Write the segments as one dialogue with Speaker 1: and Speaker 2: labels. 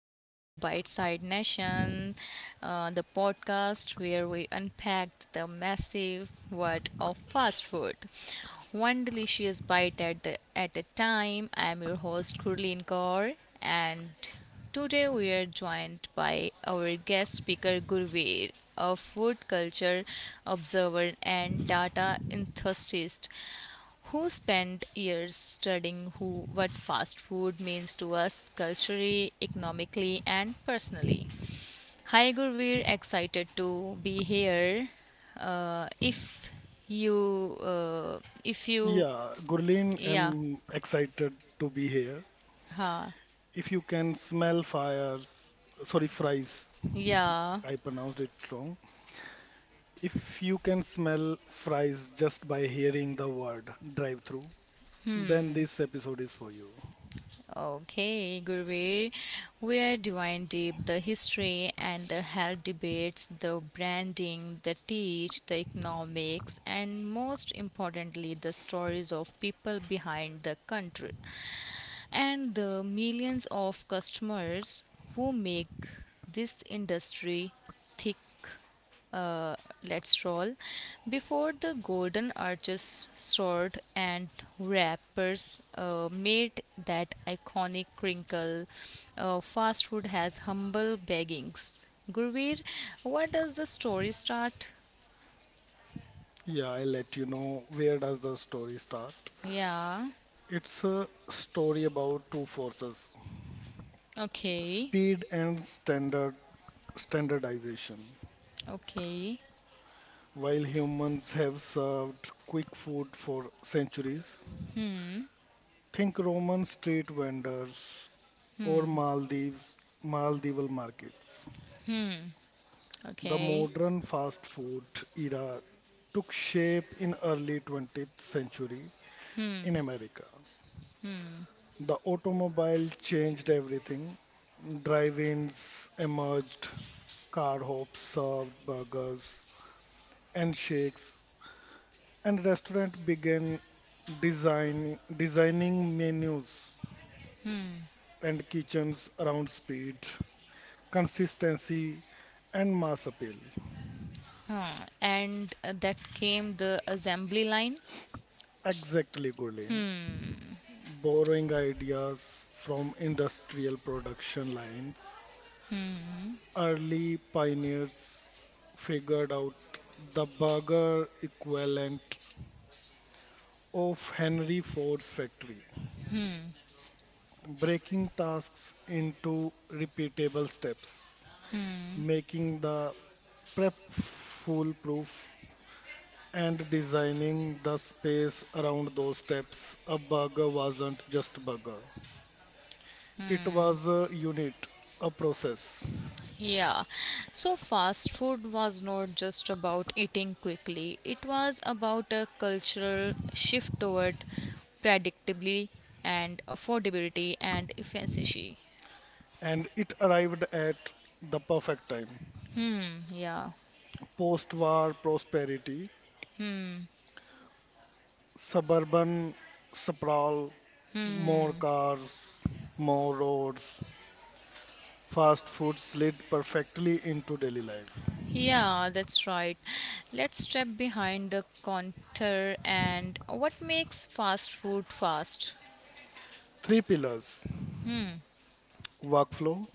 Speaker 1: welcome to Bite Side Nation, the podcast where we unpack the massive world of fast food. One delicious bite at the at a time. I am your host Kurleen Kaur and today we are joined by our guest speaker Gurveer, a food culture observer and data enthusiast who spent years studying who what fast food means to us culturally, economically and personally. Hi Gurveer, excited to be here. Uh, if you uh, if you
Speaker 2: Yeah, Gurleen,
Speaker 1: yeah,
Speaker 2: I'm excited to be here. If you can smell fires, sorry, fries,
Speaker 1: yeah.
Speaker 2: I pronounced it wrong. If you can smell fries just by hearing the word drive-through, then this episode is for you.
Speaker 1: Okay, Gurveer, where do I deep the history and the health debates, the branding, the teach, the economics, and most importantly, the stories of people behind the country and the millions of customers who make this industry thick. Let's roll. Before the golden arches, sword, and wrappers made that iconic crinkle, fast food has humble beggings. Gurveer, what does the story start?
Speaker 2: Yeah, I'll let you know where does the story start.
Speaker 1: Yeah,
Speaker 2: It's a story about two forces,
Speaker 1: okay,
Speaker 2: speed and standardization.
Speaker 1: okay,
Speaker 2: While humans have served quick food for centuries, think Roman street vendors or Maldives, Maldival markets. The
Speaker 1: okay.
Speaker 2: modern fast food era took shape in early 20th century in America. The automobile changed everything. Drive-ins emerged, car hops served burgers and shakes, and restaurants began designing menus and kitchens around speed consistency, and mass appeal.
Speaker 1: And that came the assembly line.
Speaker 2: Exactly, Gulen. Borrowing ideas from industrial production lines, early pioneers figured out the burger equivalent of Henry Ford's factory, breaking tasks into repeatable steps, making the prep foolproof and designing the space around those steps. A burger wasn't just burger. It was a unit, a process,
Speaker 1: Yeah, so fast food was not just about eating quickly, it was about a cultural shift toward predictability and affordability and efficiency.
Speaker 2: and it arrived at the perfect time.
Speaker 1: Yeah,
Speaker 2: Post-war prosperity, suburban sprawl, more cars, more roads, fast food slid perfectly into daily life.
Speaker 1: yeah, that's right. Let's step behind the counter and what makes fast food fast?
Speaker 2: Three pillars workflow,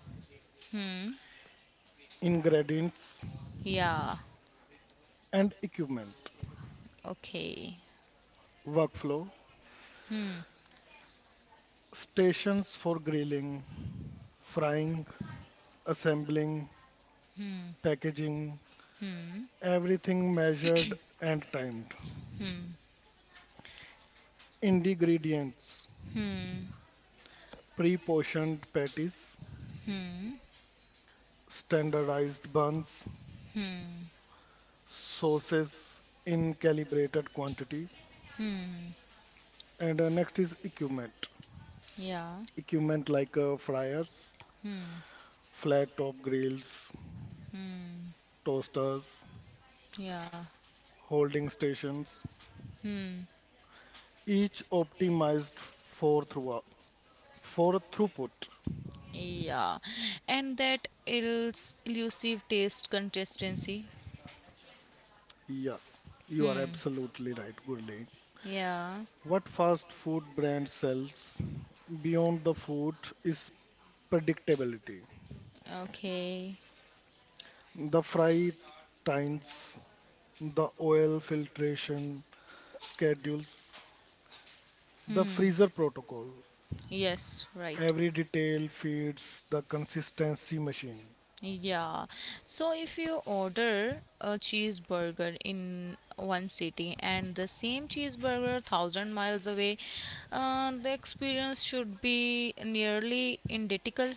Speaker 2: ingredients,
Speaker 1: Yeah,
Speaker 2: and equipment.
Speaker 1: okay.
Speaker 2: Workflow stations for grilling, frying, assembling, packaging, everything measured and timed. Ingredients pre portioned patties,
Speaker 1: Hmm,
Speaker 2: standardized buns,
Speaker 1: hmm,
Speaker 2: sauces in calibrated quantity.
Speaker 1: hmm,
Speaker 2: And next is equipment.
Speaker 1: yeah,
Speaker 2: Equipment like fryers,
Speaker 1: hmm,
Speaker 2: flat top grills,
Speaker 1: hmm,
Speaker 2: toasters,
Speaker 1: yeah,
Speaker 2: holding stations,
Speaker 1: hmm.
Speaker 2: each optimized for throughput.
Speaker 1: Yeah, and that elusive taste consistency.
Speaker 2: Yeah, you are absolutely right, Gurleen.
Speaker 1: Yeah,
Speaker 2: What fast food brand sells beyond the food is predictability.
Speaker 1: okay.
Speaker 2: The fry times, the oil filtration schedules, the
Speaker 1: Hmm,
Speaker 2: freezer protocol.
Speaker 1: yes, right.
Speaker 2: Every detail feeds the consistency machine.
Speaker 1: Yeah, so if you order a cheeseburger in one city and the same cheeseburger thousand miles away, the experience should be nearly identical.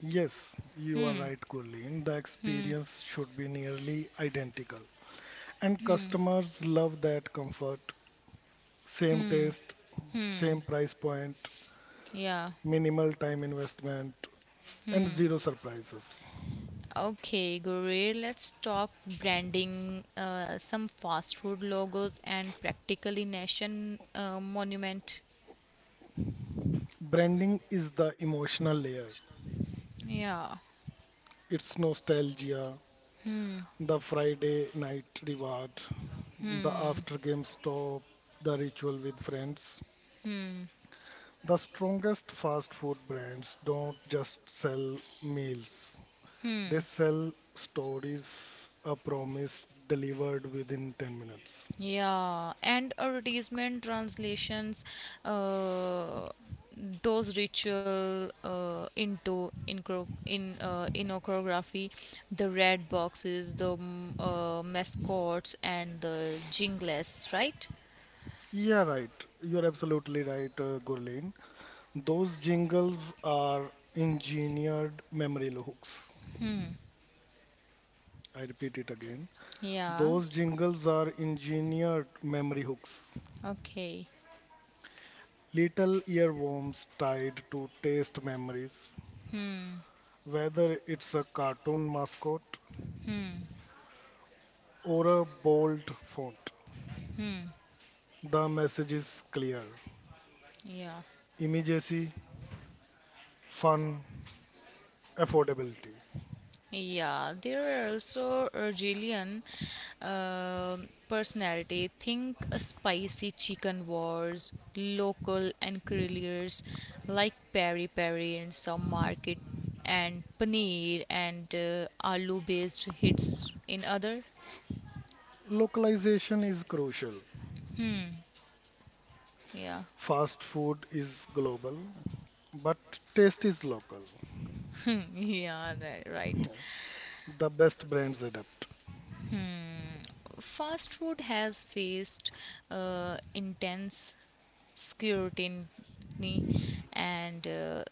Speaker 2: Yes, you are right, Gurleen. The experience should be nearly identical. And customers love that comfort. Same taste, same price point,
Speaker 1: Yeah.
Speaker 2: minimal time investment, and zero surprises.
Speaker 1: Okay, Gurir, let's talk branding, some fast food logos, and practically nation monument.
Speaker 2: Branding is the emotional layer.
Speaker 1: Yeah,
Speaker 2: It's nostalgia, the Friday night reward, the after game stop, the ritual with friends. The strongest fast food brands don't just sell meals, they sell stories, a promise delivered within 10 minutes.
Speaker 1: yeah, and advertisement translations, uh, those ritual into incro- in iconography, the red boxes, the mascots, and the jingles, right?
Speaker 2: Yeah, right. You're absolutely right, Gurleen. Those jingles are engineered memory hooks. I repeat it again.
Speaker 1: Yeah.
Speaker 2: Those jingles are engineered memory hooks.
Speaker 1: Okay.
Speaker 2: Little earworms tied to taste memories, whether it's a cartoon mascot or a bold font. The message is clear
Speaker 1: Yeah.
Speaker 2: immediacy, fun, affordability.
Speaker 1: Yeah, there are also Argelian personality. Think a spicy chicken wars, local and enquiries like peri peri in some market, and paneer and aloo based hits in other.
Speaker 2: Localization is crucial.
Speaker 1: Yeah,
Speaker 2: Fast food is global, but taste is local.
Speaker 1: yeah, right.
Speaker 2: The best brands adapt.
Speaker 1: Fast food has faced intense scrutiny and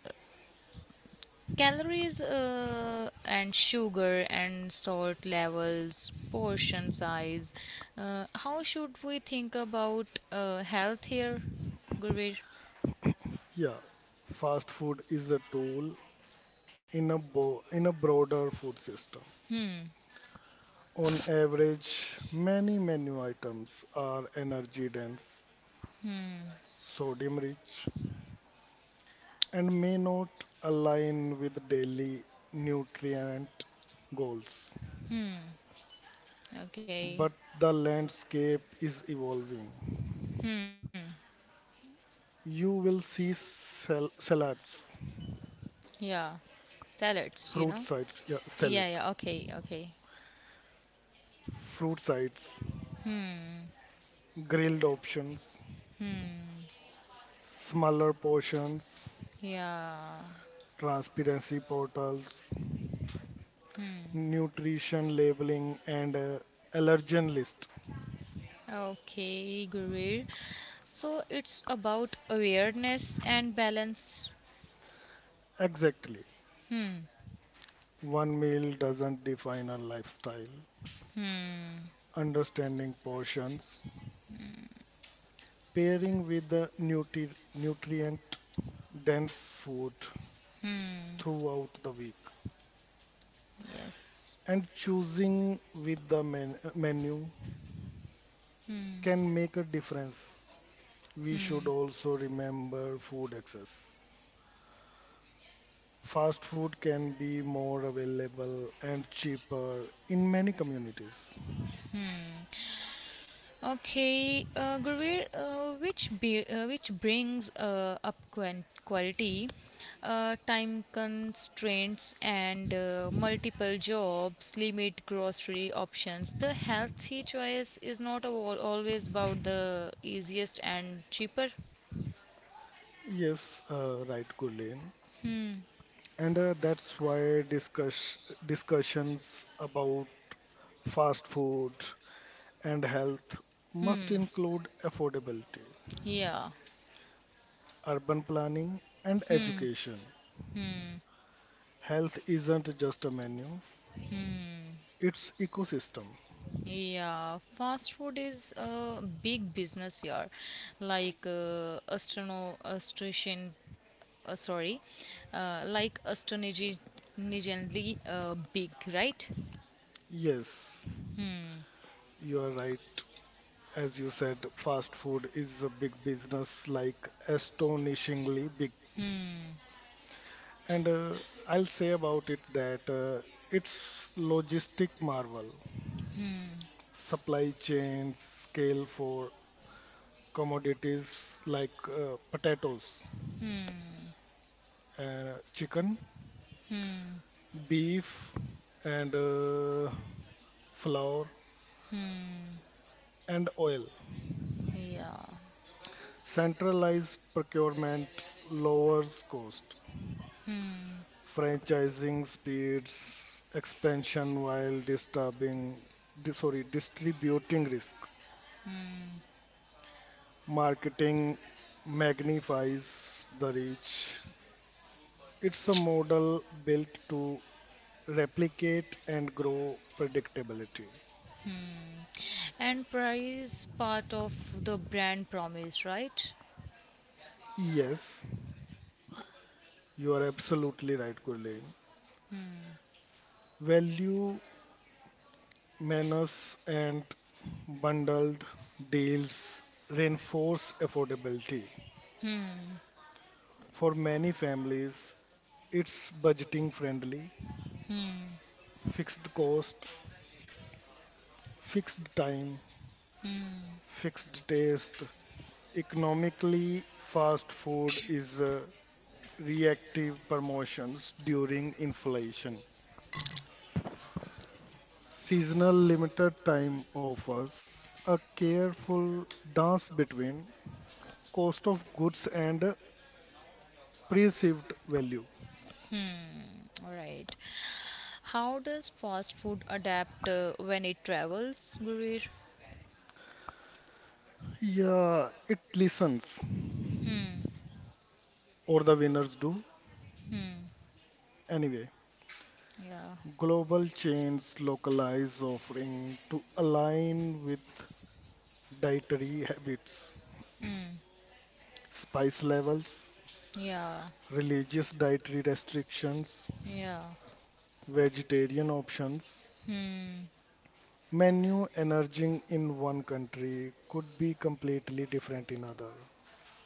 Speaker 1: Calories and sugar and salt levels, portion size. How should we think about health here, Gurveer?
Speaker 2: Yeah, fast food is a tool in a broader food system. On average, many menu items are energy dense, sodium rich, and may not align with daily nutrient goals.
Speaker 1: Okay,
Speaker 2: But the landscape is evolving. You will see salads,
Speaker 1: yeah, salads, you
Speaker 2: fruit
Speaker 1: know?
Speaker 2: sides, yeah,
Speaker 1: Yeah, yeah,
Speaker 2: salads,
Speaker 1: okay, okay.
Speaker 2: fruit sides, grilled options, smaller portions,
Speaker 1: Yeah,
Speaker 2: transparency portals, nutrition labeling, and allergen list.
Speaker 1: okay, Gurveer. So it's about awareness and balance.
Speaker 2: Exactly.
Speaker 1: Hmm,
Speaker 2: One meal doesn't define a lifestyle.
Speaker 1: hmm,
Speaker 2: Understanding portions, pairing with the nutrient dense food
Speaker 1: hmm,
Speaker 2: throughout the week,
Speaker 1: yes.
Speaker 2: and choosing with the menu
Speaker 1: Hmm,
Speaker 2: can make a difference. We should
Speaker 1: hmm.
Speaker 2: also remember food access. Fast food can be more available and cheaper in many communities.
Speaker 1: Okay, Gurveer, which brings up quality, time constraints, and multiple jobs, limit grocery options. The healthy choice is not always about the easiest and cheaper.
Speaker 2: Yes, right, Gulen. And that's why discussions about fast food and health must include affordability,
Speaker 1: Yeah.
Speaker 2: urban planning, and education. Health isn't just a menu, it's ecosystem.
Speaker 1: Yeah, fast food is a big business here, like uh, Astro Austrasian uh, sorry, like astonishingly big, right?
Speaker 2: Yes, you are right. As you said, fast food is a big business, like astonishingly big. And I'll say about it that it's logistic marvel. Supply chains scale for commodities like potatoes,
Speaker 1: Hmm.
Speaker 2: chicken, beef, and flour and oil.
Speaker 1: Yeah.
Speaker 2: Centralized procurement lowers cost. Franchising speeds expansion while distributing risk. Marketing magnifies the reach. It's a model built to replicate and grow predictability.
Speaker 1: And price part of the brand promise, right?
Speaker 2: Yes, you are absolutely right, Gurleen. Value, menace, and bundled deals reinforce affordability. For many families, it's budgeting friendly, fixed cost, fixed time, fixed taste. Economically, fast food is reactive promotions during inflation. Seasonal limited time offers a careful dance between cost of goods and perceived value.
Speaker 1: All right. How does fast food adapt when it travels, Gurir?
Speaker 2: Yeah, it listens, or the winners do. Anyway,
Speaker 1: Yeah.
Speaker 2: global chains localize offering to align with dietary habits, spice levels,
Speaker 1: Yeah.
Speaker 2: religious dietary restrictions,
Speaker 1: Yeah.
Speaker 2: vegetarian options, menu emerging in one country could be completely different in other.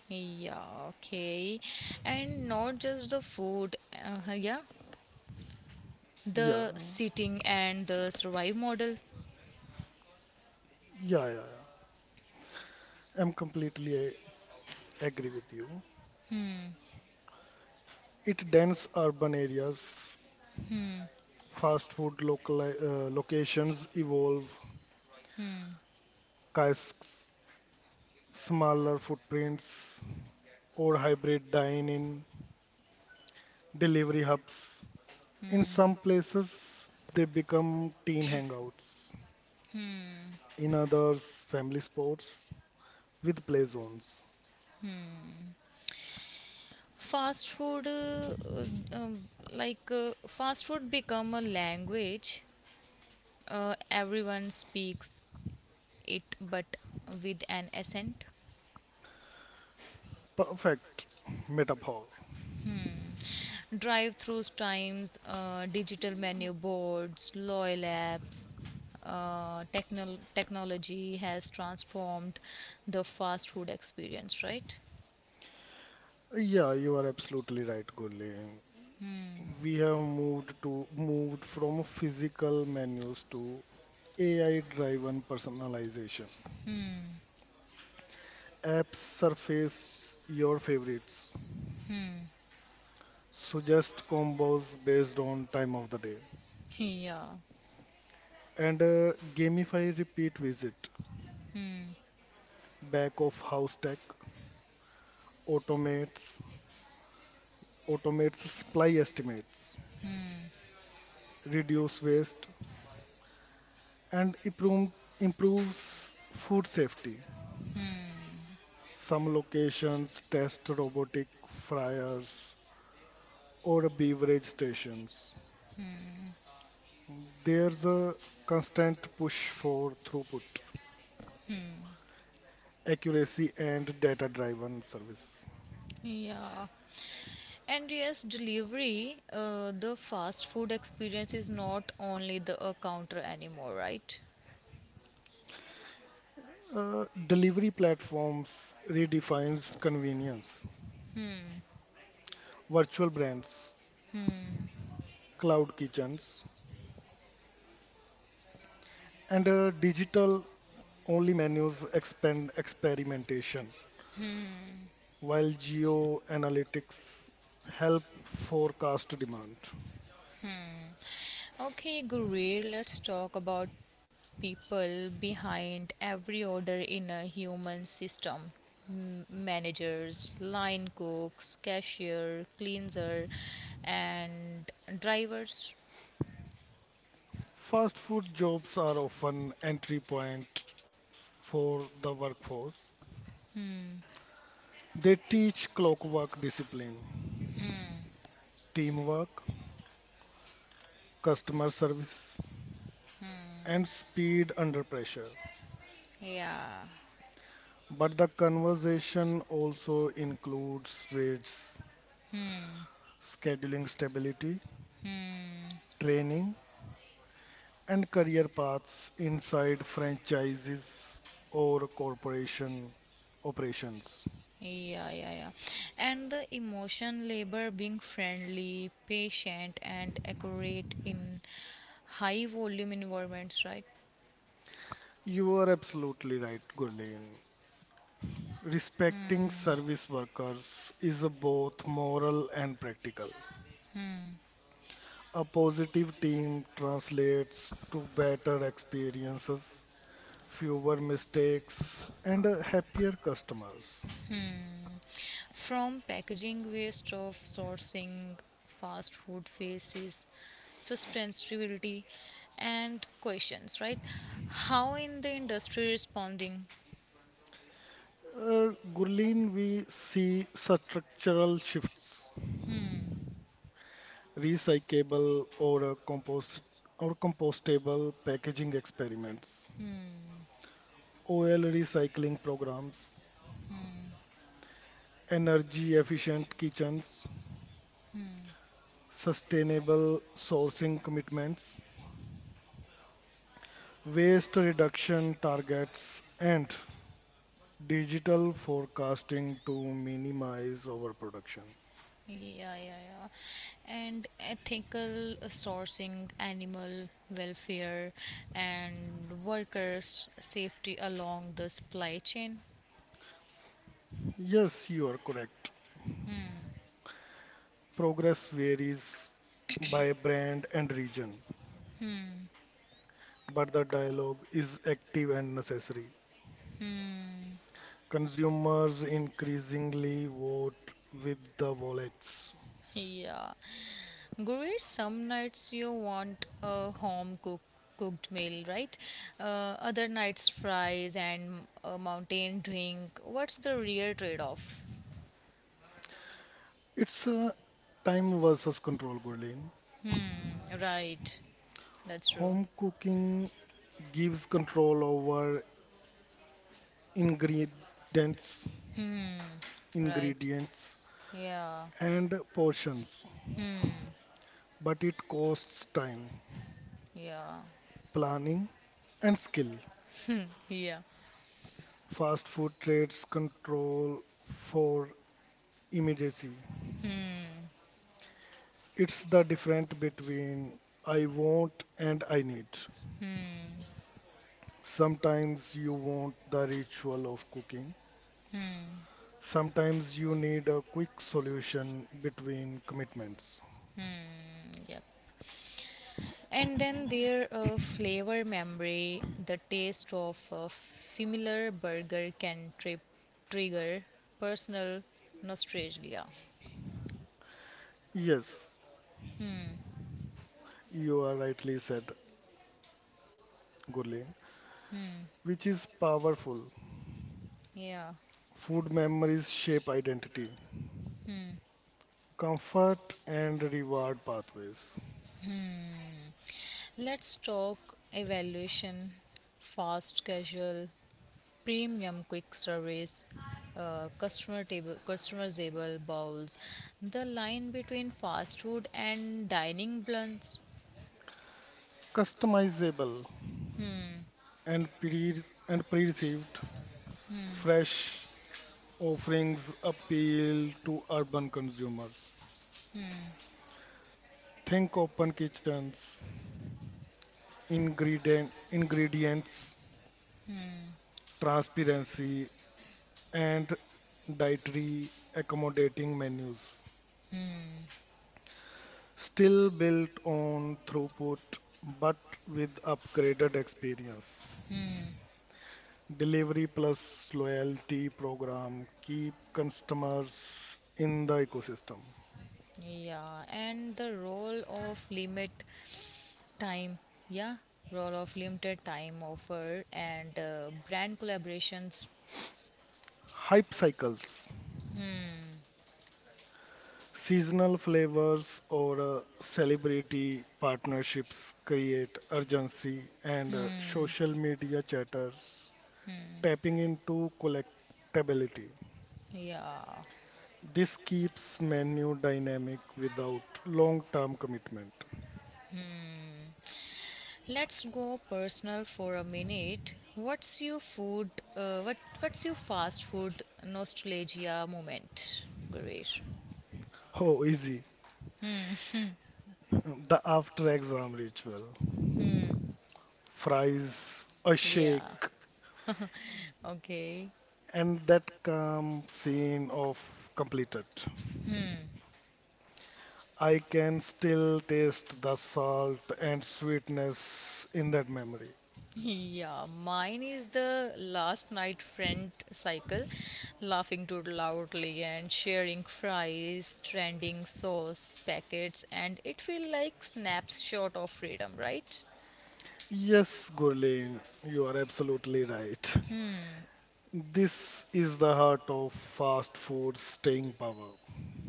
Speaker 1: Yeah. Okay. And not just the food, yeah,
Speaker 2: Yeah,
Speaker 1: the seating and the survive model.
Speaker 2: yeah, yeah. yeah. I'm completely agree with you. It dense urban areas, fast food local locations evolve, kiosks, smaller footprints, or hybrid dine-in, delivery hubs. In some places, they become teen hangouts, in others family sports with play zones.
Speaker 1: Fast food um, like fast food become a language everyone speaks it but with an accent.
Speaker 2: Perfect metaphor.
Speaker 1: Drive through times, digital menu boards, loyal apps, technology has transformed the fast food experience, right?
Speaker 2: Yeah, you are absolutely right, Gulli. We have moved from physical menus to AI-driven personalization. Apps surface your favorites, suggest combos based on time of the day,
Speaker 1: Yeah,
Speaker 2: and gamify repeat visit. Back of house tech automates automates supply estimates, reduce waste, and improves food safety. Some locations test robotic fryers or beverage stations. There's a constant push for throughput, accuracy, and data-driven service.
Speaker 1: yeah. And yes, delivery, the fast food experience is not only the counter anymore, right?
Speaker 2: Delivery platforms redefines convenience. Virtual brands, cloud kitchens, and digital-only menus expand experimentation, while geoanalytics help forecast demand.
Speaker 1: Okay, Gurir, let's talk about people behind every order in a human system. Managers, line cooks, cashier, cleanser, and drivers.
Speaker 2: Fast food jobs are often entry point for the workforce. They teach clockwork discipline, teamwork, customer service, and speed under pressure.
Speaker 1: Yeah.
Speaker 2: But the conversation also includes wage, scheduling stability,
Speaker 1: Hmm.
Speaker 2: training, and career paths inside franchises or corporation operations.
Speaker 1: Yeah, yeah, yeah. And the emotion labor being friendly, patient, and accurate in high volume environments, right?
Speaker 2: You are absolutely right, Gurleen. Respecting service workers is both moral and practical. A positive team translates to better experiences, fewer mistakes, and happier customers.
Speaker 1: From packaging waste of sourcing fast food faces, suspensivity, and questions, right? How in the industry responding?
Speaker 2: Gurleen, we see structural shifts recyclable or compostable packaging experiments, oil recycling programs, energy efficient kitchens, sustainable sourcing commitments, waste reduction targets and digital forecasting to minimize overproduction.
Speaker 1: Yeah, yeah, yeah. And ethical sourcing, animal welfare, and workers' safety along the supply chain.
Speaker 2: Yes, you are correct. Progress varies by brand and region, but the dialogue is active and necessary. Consumers increasingly vote with the wallets.
Speaker 1: Yeah. Gurir, some nights you want a home cook cooked meal, right? Other nights fries and a mountain drink. What's the real trade-off?
Speaker 2: It's a time versus control, Gurleen.
Speaker 1: Right. That's true.
Speaker 2: Home cooking gives control over ingredients,
Speaker 1: Right.
Speaker 2: ingredients
Speaker 1: Yeah.
Speaker 2: and portions, but it costs time,
Speaker 1: Yeah.
Speaker 2: planning and skill.
Speaker 1: Yeah.
Speaker 2: Fast food trades control for immediacy. It's the difference between I want and I need. Sometimes you want the ritual of cooking. Sometimes you need a quick solution between commitments.
Speaker 1: Mm, yep. And then their flavor memory, the taste of a familiar burger can trigger personal nostalgia.
Speaker 2: Yes, you are rightly said, Gurleen, which is powerful.
Speaker 1: Yeah.
Speaker 2: Food memories shape identity, comfort and reward pathways.
Speaker 1: Let's talk evaluation, fast casual, premium quick service, customer table, customizable bowls, the line between fast food and dining blunts.
Speaker 2: Customizable and pre and perceived fresh offerings appeal to urban consumers. Think open kitchens, ingredients transparency, and dietary accommodating menus. Still built on throughput but with upgraded experience. Delivery plus loyalty program keep customers in the ecosystem.
Speaker 1: Yeah, and the role of time yeah limited time offer and brand collaborations.
Speaker 2: Hype cycles,
Speaker 1: Hmm.
Speaker 2: seasonal flavors or celebrity partnerships create urgency and
Speaker 1: Hmm.
Speaker 2: social media chatters tapping into collectability.
Speaker 1: Yeah,
Speaker 2: This keeps menu dynamic without long term commitment.
Speaker 1: let's go personal for a minute. What's your fast food nostalgia moment, Guresh?
Speaker 2: Oh, easy. The after exam ritual. Fries, a shake,
Speaker 1: Yeah, okay.
Speaker 2: and that calm scene of completed. I can still taste the salt and sweetness in that memory.
Speaker 1: Yeah, mine is the last night friend cycle, laughing too loudly and sharing fries, trending sauce packets, and it feels like snapshot of freedom, right?
Speaker 2: Yes, Gurleen, you are absolutely right. This is the heart of fast food's staying power.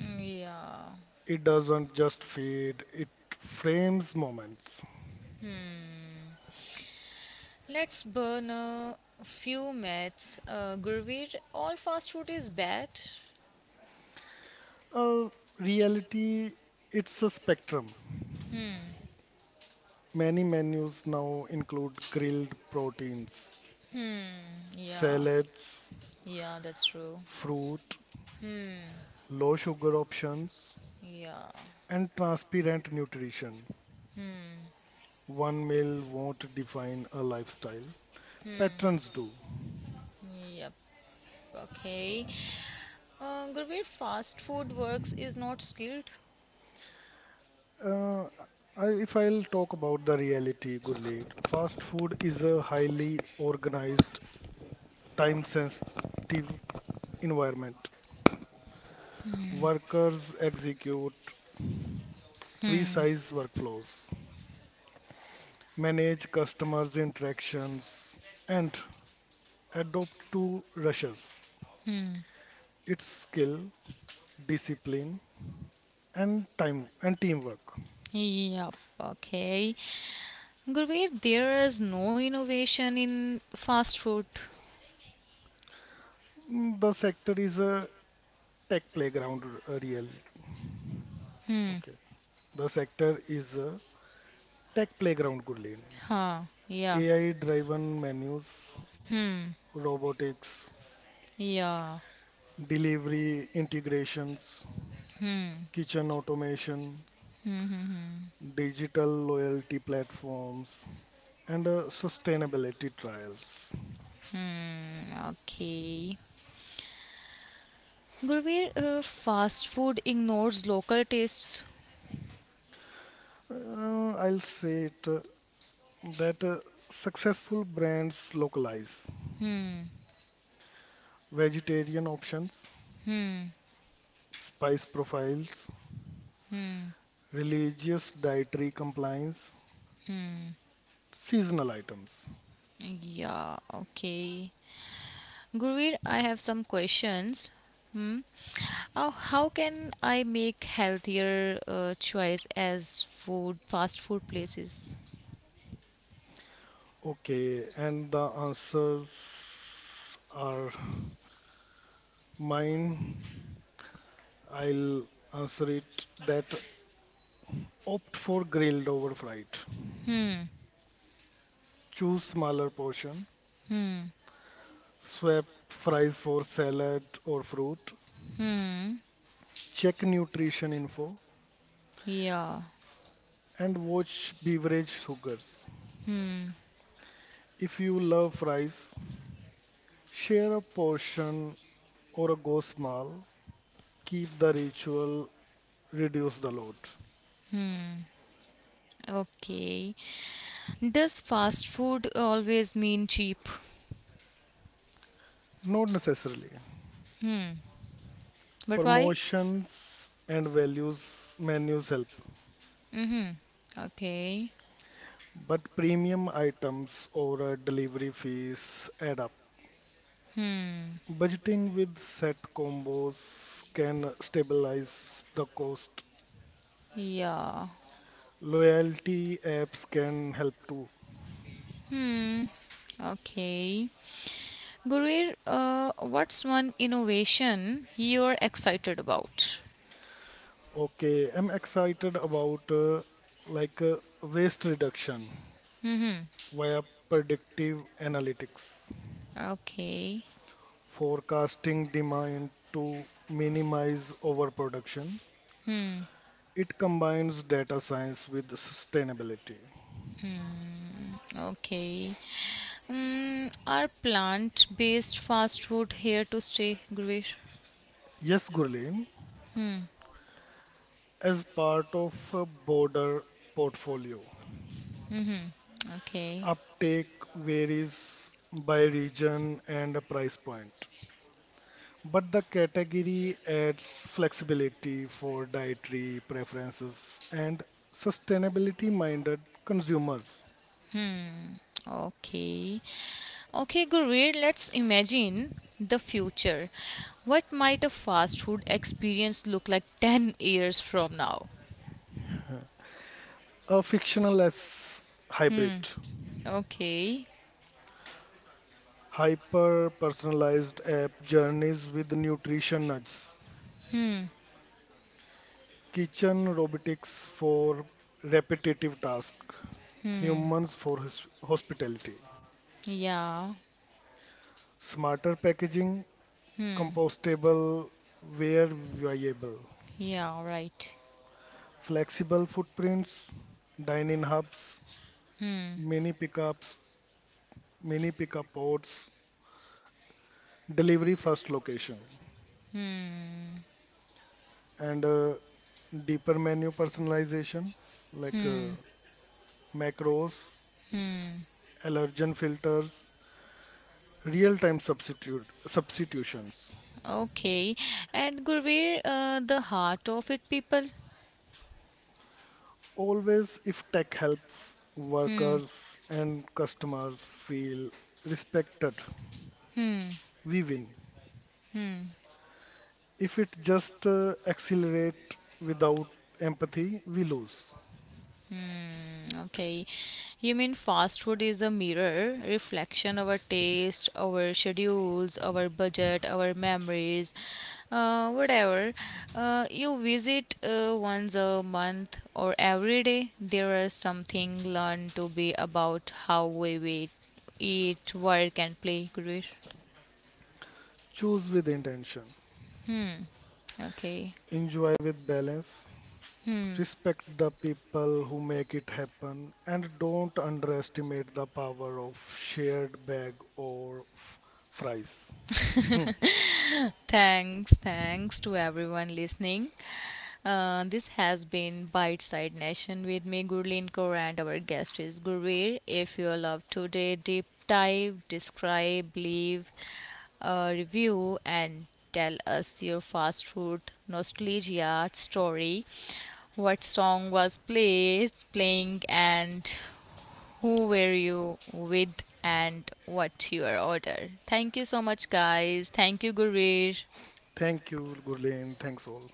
Speaker 1: Mm, yeah.
Speaker 2: It doesn't just fade, it frames moments.
Speaker 1: Let's burn a few myths. Gurveer, all fast food is bad.
Speaker 2: Uh, Reality, it's a spectrum. Many menus now include grilled proteins,
Speaker 1: Yeah,
Speaker 2: salads,
Speaker 1: yeah, that's true.
Speaker 2: fruit, low sugar options,
Speaker 1: Yeah,
Speaker 2: and transparent nutrition. One meal won't define a lifestyle, patterns do.
Speaker 1: yep. Okay. Gurveer, fast food works is not skilled.
Speaker 2: Uh, if I'll talk about the reality, Gurleen, fast food is a highly organized, time sensitive environment. Workers execute precise workflows, manage customers' interactions, and adopt to rushes. It's skill, discipline, and time and teamwork.
Speaker 1: Yep, okay. Gurveer, there is no innovation in fast food.
Speaker 2: Mm, the sector is a tech playground, real. Okay. The sector is a tech playground, Gurleen.
Speaker 1: Huh, yeah,
Speaker 2: AI-driven menus, robotics,
Speaker 1: yeah.
Speaker 2: delivery integrations, kitchen automation,
Speaker 1: Hmm,
Speaker 2: digital loyalty platforms, and sustainability trials.
Speaker 1: okay. Gurveer, fast food ignores local tastes.
Speaker 2: I'll say it that successful brands localize
Speaker 1: Hmm,
Speaker 2: vegetarian options,
Speaker 1: hmm.
Speaker 2: spice profiles, religious dietary compliance, seasonal items.
Speaker 1: Yeah, okay. Gurveer, I have some questions. Hmm. How can I make healthier choice as food fast food places?
Speaker 2: Okay, and the answers are mine. I'll answer it that opt for grilled over fried. Choose smaller portion, swap fries for salad or fruit.
Speaker 1: Hmm.
Speaker 2: Check nutrition info
Speaker 1: Yeah.
Speaker 2: and watch beverage sugars. If you love fries, share a portion or a go small. Keep the ritual, reduce the load.
Speaker 1: Okay. Does fast food always mean cheap?
Speaker 2: Not necessarily.
Speaker 1: But why?
Speaker 2: Promotions and values menus help,
Speaker 1: Okay.
Speaker 2: but premium items or a delivery fees add up. Budgeting with set combos can stabilize the cost
Speaker 1: Yeah.
Speaker 2: loyalty apps can help too.
Speaker 1: Okay. Gurir, what's one innovation you're excited about?
Speaker 2: Okay, I'm excited about waste reduction via predictive analytics,
Speaker 1: Okay.
Speaker 2: forecasting demand to minimize overproduction. It combines data science with sustainability.
Speaker 1: Okay. Mm, are plant based fast food here to stay, Gurir?
Speaker 2: Yes, Gurleen, as part of a broader portfolio,
Speaker 1: Okay.
Speaker 2: uptake varies by region and price point. But the category adds flexibility for dietary preferences and sustainability-minded consumers.
Speaker 1: Okay. Okay, Gurir, let's imagine the future. What might a fast food experience look like 10 years from now?
Speaker 2: A frictionless hybrid,
Speaker 1: Okay.
Speaker 2: hyper-personalized app journeys with nutrition nudges, kitchen robotics for repetitive tasks,
Speaker 1: Hmm.
Speaker 2: humans for hospitality,
Speaker 1: Yeah.
Speaker 2: smarter packaging,
Speaker 1: Hmm.
Speaker 2: compostable, where viable,
Speaker 1: Yeah, right.
Speaker 2: flexible footprints, dine-in hubs,
Speaker 1: Hmm.
Speaker 2: mini pickups, mini pickup ports, delivery first location,
Speaker 1: Hmm.
Speaker 2: and deeper menu personalization like
Speaker 1: Hmm.
Speaker 2: macros,
Speaker 1: Hmm.
Speaker 2: allergen filters, real-time substitute substitutions.
Speaker 1: Okay. And Gurveer, the heart of it, people.
Speaker 2: Always, if tech helps
Speaker 1: Hmm.
Speaker 2: workers and customers feel respected, we win. If it just accelerate without empathy, we lose.
Speaker 1: Mm, okay. You mean fast food is a mirror, reflection of our taste, our schedules, our budget, our memories, whatever. You visit once a month or every day, there is something learned to be about how we wait, eat, work, and play. Great.
Speaker 2: Choose with intention,
Speaker 1: Okay.
Speaker 2: enjoy with balance, respect the people who make it happen, and don't underestimate the power of shared bag or fries. Hmm.
Speaker 1: Thanks to everyone listening. This has been Bite Side Nation with me, Gurleen Kaur, and our guest is Gurveer. If you love today, deep dive, describe, leave a review, and tell us your fast food nostalgia story. What song was playing, and who were you with, and what your order? Thank you so much, guys. Thank you, Gurveer.
Speaker 2: Thank you, Gurleen. Thanks all.